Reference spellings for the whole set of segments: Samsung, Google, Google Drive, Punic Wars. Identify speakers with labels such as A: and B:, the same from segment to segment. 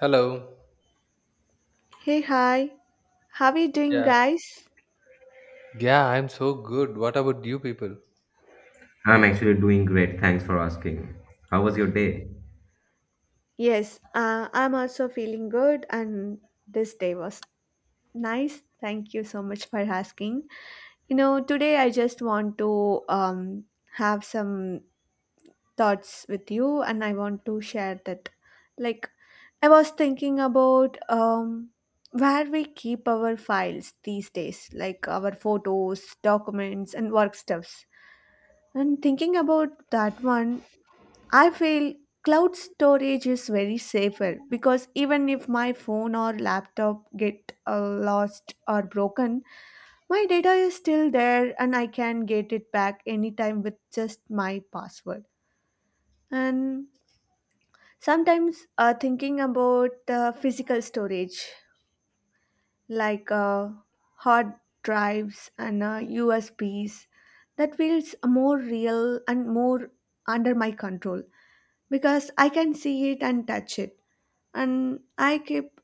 A: Hello.
B: Hey, hi. How are you doing,
A: Yeah.
B: guys?
A: Yeah, I'm so good. What about you people?
C: I'm actually doing great. Thanks for asking. How was your day?
B: Yes, I'm also feeling good, and this day was nice. Thank you so much for asking. You know, today I just want to have some thoughts with you, and I want to share that. Like, I was thinking about where we keep our files these days, like our photos, documents, and work stuffs. And thinking about that one, I feel cloud storage is very safer because even if my phone or laptop get lost or broken, my data is still there and I can get it back anytime with just my password. And sometimes thinking about physical storage like hard drives and USBs that feels more real and more under my control because I can see it and touch it, and I keep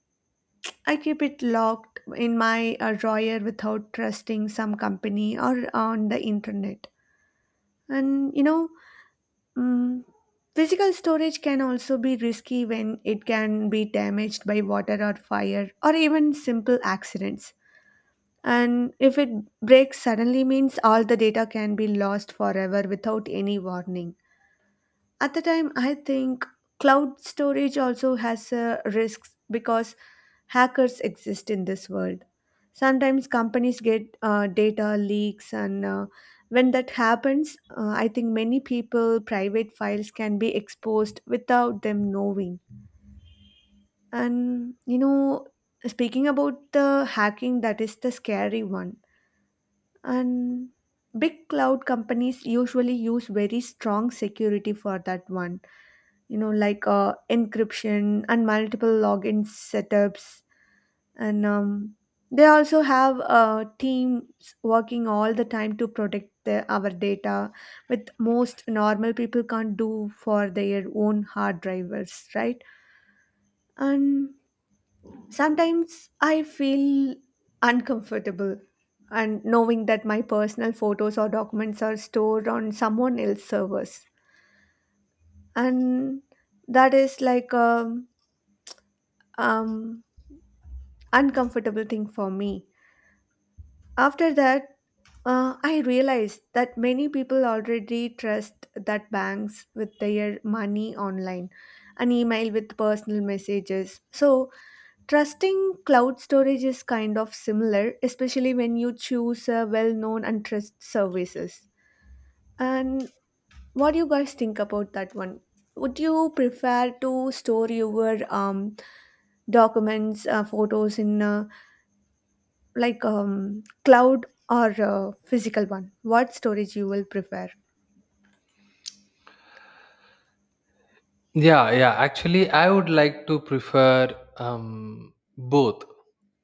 B: I keep it locked in my drawer without trusting some company or on the internet. And you know, mm, physical storage can also be risky when it can be damaged by water or fire or even simple accidents. And if it breaks suddenly means all the data can be lost forever without any warning. At the time, I think cloud storage also has risks because hackers exist in this world. Sometimes companies get data leaks, and when that happens, I think many people, private files can be exposed without them knowing. And you know, speaking about the hacking, that is the scary one. And big cloud companies usually use very strong security for that one, you know, like encryption and multiple login setups, and they also have teams working all the time to protect our data with most normal people can't do for their own hard drivers, right? And sometimes I feel uncomfortable and knowing that my personal photos or documents are stored on someone else's servers, and that is like a um, uncomfortable thing for me. After that, I realized that many people already trust that banks with their money online, an email with personal messages. So, trusting cloud storage is kind of similar, especially when you choose a well known and trust services. And what do you guys think about that one? Would you prefer to store your documents, photos in a like cloud or physical one, what storage you will prefer?
A: Yeah, yeah. Actually, I would like to prefer both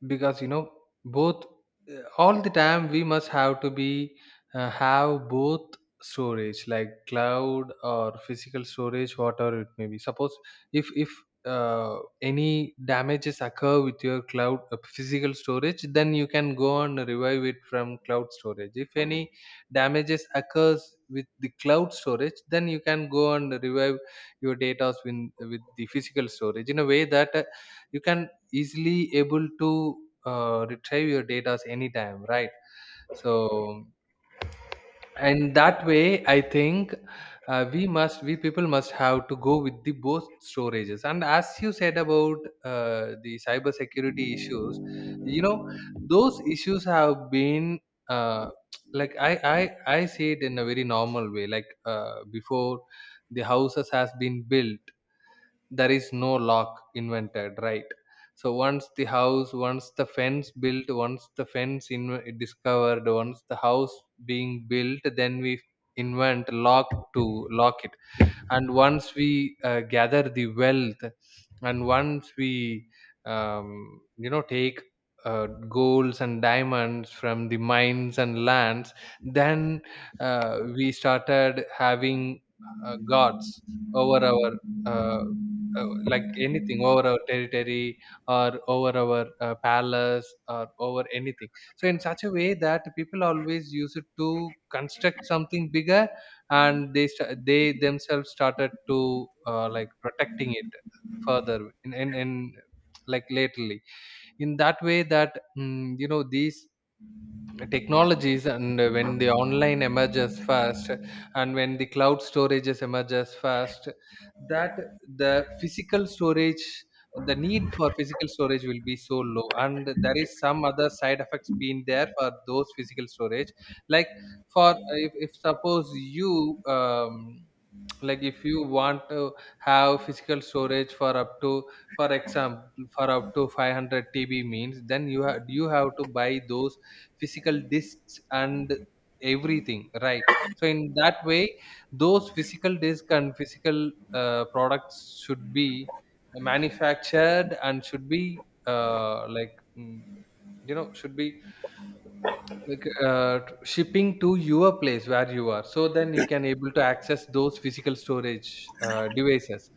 A: because you know both all the time we must have to be have both storage like cloud or physical storage, whatever it may be. Suppose if any damages occur with your cloud physical storage, then you can go and revive it from cloud storage. If any damages occurs with the cloud storage, then you can go and revive your data with the physical storage in a way that you can easily able to retrieve your data anytime, right? So, and that way I think, we must, we people must have to go with the both storages. And as you said about the cyber security issues, you know, those issues have been, uh, like I see it in a very normal way. Like before the houses has been built, there is no lock invented, right? So once the house, once the fence built, once the fence in discovered, once the house being built, then we invent lock to lock it. And once we gather the wealth, and once we you know, take golds and diamonds from the mines and lands, then we started having gods over our uh, like anything, over our territory or over our palace or over anything. So in such a way that people always use it to construct something bigger, and they themselves started to like protecting it further in like lately. In that way that you know, these technologies, and when the online emerges first, and when the cloud storages emerges first, that the physical storage, the need for physical storage will be so low, and there is some other side effects being there for those physical storage. Like for, if suppose you like if you want to have physical storage for up to, for example, for up to 500 TB means, then you have to buy those physical discs and everything, right? So in that way, those physical disc and physical products should be manufactured and should be like you know, should be like shipping to your place where you are, so then you can able to access those physical storage devices.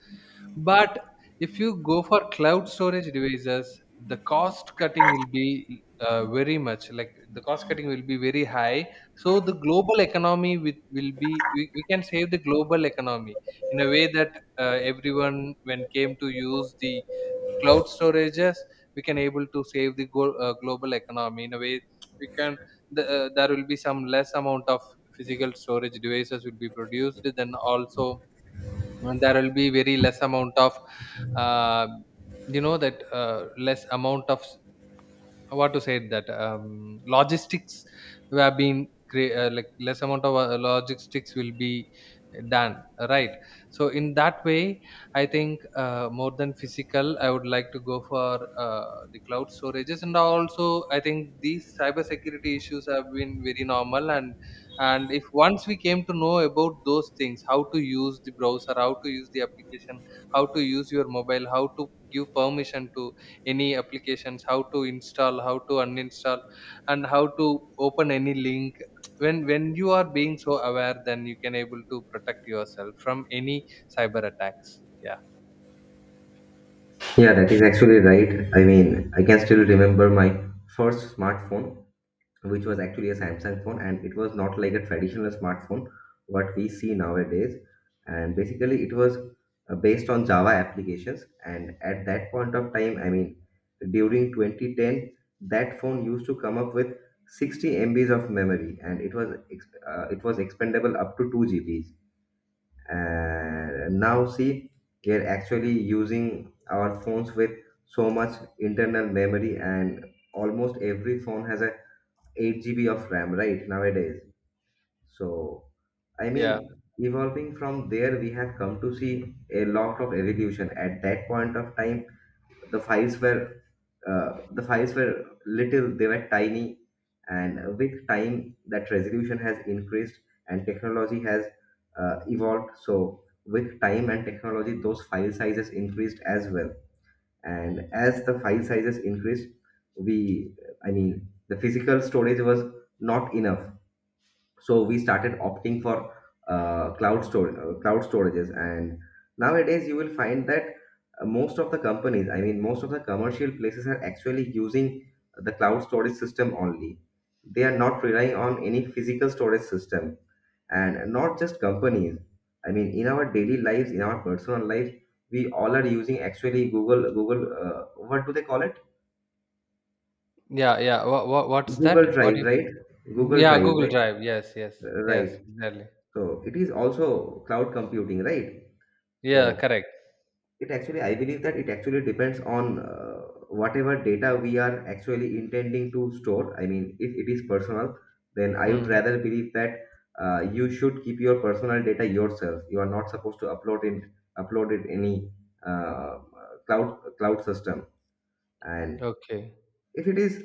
A: But if you go for cloud storage devices, the cost cutting will be very much, like the cost cutting will be very high. So the global economy will be, we can save the global economy in a way that everyone when came to use the cloud storages, we can able to save the global economy in a way. We can, there will be some less amount of physical storage devices will be produced then also. And there will be very less amount of uh, you know that less amount of, what to say it that, logistics have been like less amount of logistics will be done, right? So in that way, I think more than physical, I would like to go for the cloud storages. And also I think these cyber security issues have been very normal. And if once we came to know about those things, how to use the browser, how to use the application, how to use your mobile, how to give permission to any applications, how to install, how to uninstall, and how to open any link, when you are being so aware, then you can able to protect yourself from any cyber attacks. Yeah.
C: Yeah, that is actually right. I mean, I can still remember my first smartphone, which was actually a Samsung phone, and it was not like a traditional smartphone, what we see nowadays. And basically, it was based on Java applications. And at that point of time, I mean, during 2010, that phone used to come up with 60 MBs of memory, and it was expendable up to 2 GBs. And now see, we are actually using our phones with so much internal memory, and almost every phone has a 8 GB of RAM right nowadays. So I mean,
A: Yeah,
C: evolving from there, we have come to see a lot of evolution. At that point of time, the files were, the files were little, they were tiny, and with time, that resolution has increased and technology has evolved. So, with time and technology, those file sizes increased as well. And as the file sizes increased, we, I mean, the physical storage was not enough, so we started opting for cloud storages. And nowadays you will find that most of the companies, I mean most of the commercial places, are actually using the cloud storage system only. They are not relying on any physical storage system. And not just companies, I mean in our daily lives, in our personal lives, we all are using actually google google what do they call it?
A: yeah. Yeah, what's
C: google
A: that, what
C: drive
A: you...
C: right google
A: Yeah,
C: drive
A: google
C: right
A: drive. Yes, yes. Yes,
C: Right
A: exactly.
C: So it is also cloud computing, right?
A: Yeah,
C: So
A: correct.
C: it actually, I believe that it actually depends on whatever data we are actually intending to store. I mean, if it is personal, then I would
A: Hmm.
C: rather believe that you should keep your personal data yourself. You are not supposed to upload it any uh, cloud system. And
A: Okay.
C: if it is,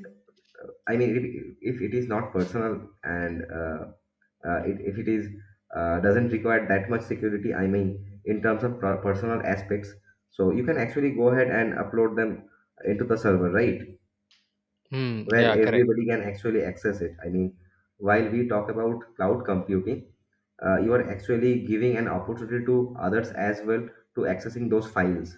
C: I mean, if it is not personal and it, if it is doesn't require that much security, I mean in terms of personal aspects, so you can actually go ahead and upload them into the server, right?
A: Hmm.
C: Where
A: Yeah, correct.
C: everybody can actually access it, I mean, while we talk about cloud computing, you are actually giving an opportunity to others as well to accessing those files.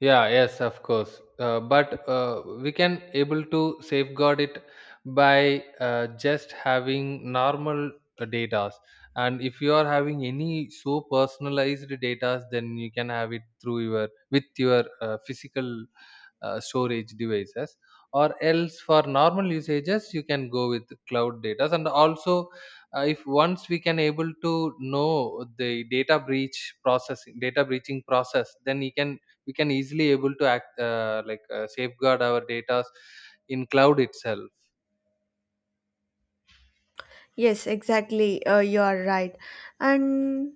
A: Yeah, yes, of course. But we can able to safeguard it by just having normal datas. And if you are having any so personalized datas, then you can have it through your with your physical storage devices. Or else, for normal usages, you can go with cloud datas. And also, if once we can able to know the data breach processing, data breaching process, then you can we can easily able to act like safeguard our data in cloud itself.
B: Yes, exactly, you are right. And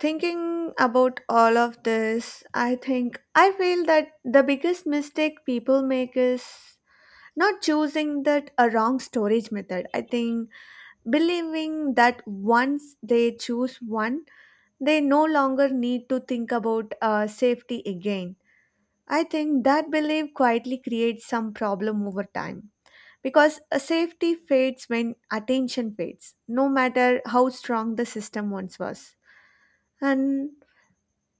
B: thinking about all of this, I think I feel that the biggest mistake people make is not choosing that a wrong storage method. I think believing that once they choose one, they no longer need to think about safety again. I think that belief quietly creates some problem over time because a safety fades when attention fades, no matter how strong the system once was. And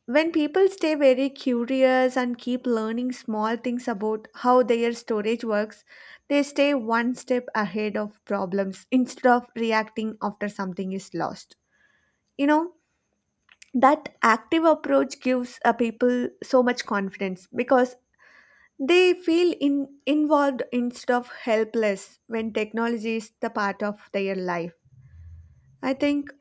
B: when people stay very curious and keep learning small things about how their storage works, they stay one step ahead of problems instead of reacting after something is lost. You know, that active approach gives people so much confidence because they feel in, involved instead of helpless when technology is the part of their life. I think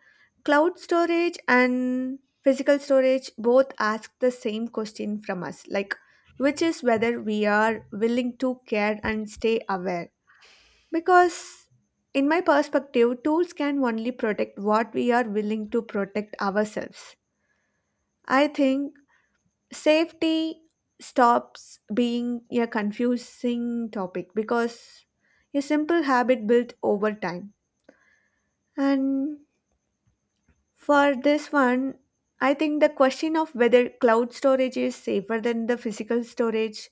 B: cloud storage and physical storage both ask the same question from us, like which is whether we are willing to care and stay aware. Because in my perspective, tools can only protect what we are willing to protect ourselves. I think safety stops being a confusing topic because a simple habit built over time. And for this one, I think the question of whether cloud storage is safer than the physical storage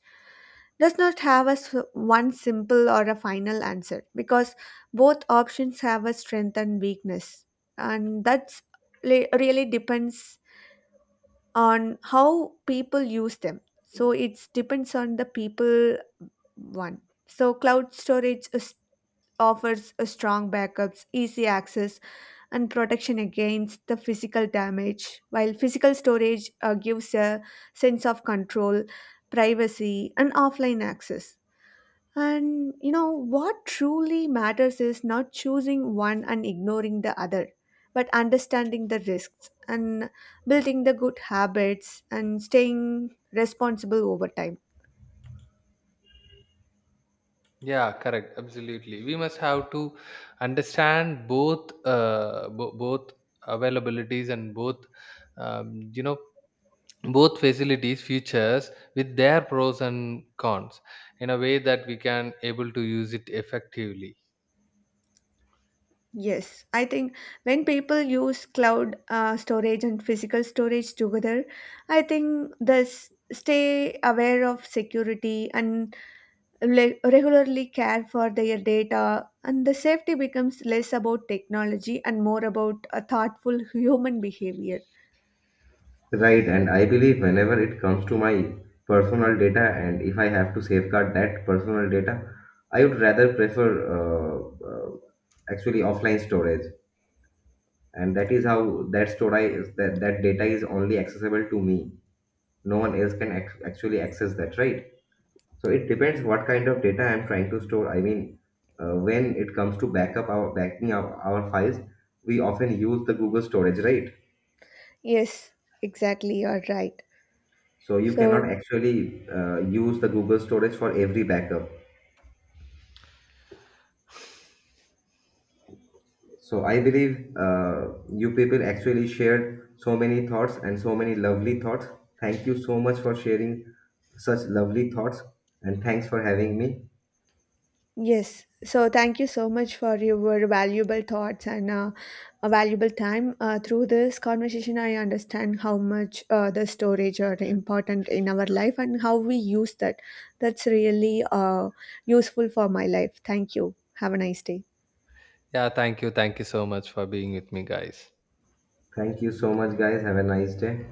B: does not have a one simple or a final answer because both options have a strength and weakness, and that's really depends on how people use them. So it depends on the people one. So cloud storage is, offers a strong backups, easy access, and protection against the physical damage, while physical storage gives a sense of control, privacy, and offline access. And you know what truly matters is not choosing one and ignoring the other, but understanding the risks and building the good habits and staying responsible over time.
A: Yeah, correct, absolutely. We must have to understand both, both availabilities and both, you know, both facilities features with their pros and cons, in a way that we can able to use it effectively.
B: Yes, I think when people use cloud storage and physical storage together, I think this stay aware of security and regularly care for their data, and the safety becomes less about technology and more about a thoughtful human behavior.
C: Right, and I believe whenever it comes to my personal data, and if I have to safeguard that personal data, I would rather prefer uh, uh, actually offline storage, and that is how that storage, that data is only accessible to me. No one else can actually access that, right? So it depends what kind of data I'm trying to store. I mean, when it comes to backup our backing up our files, we often use the Google storage, right?
B: Yes, exactly, you're right.
C: So you cannot
B: So
C: actually use the Google storage for every backup. So I believe you people actually shared so many thoughts and so many lovely thoughts. Thank you so much for sharing such lovely thoughts, and thanks for having me.
B: yes, so thank you so much for your valuable thoughts and a valuable time through this conversation. I understand how much the storage are important in our life and how we use that. That's really useful for my life. Thank you, have a nice day.
A: Yeah, thank you, thank you so much for being with me, guys.
C: Thank you so much, guys. Have a nice day.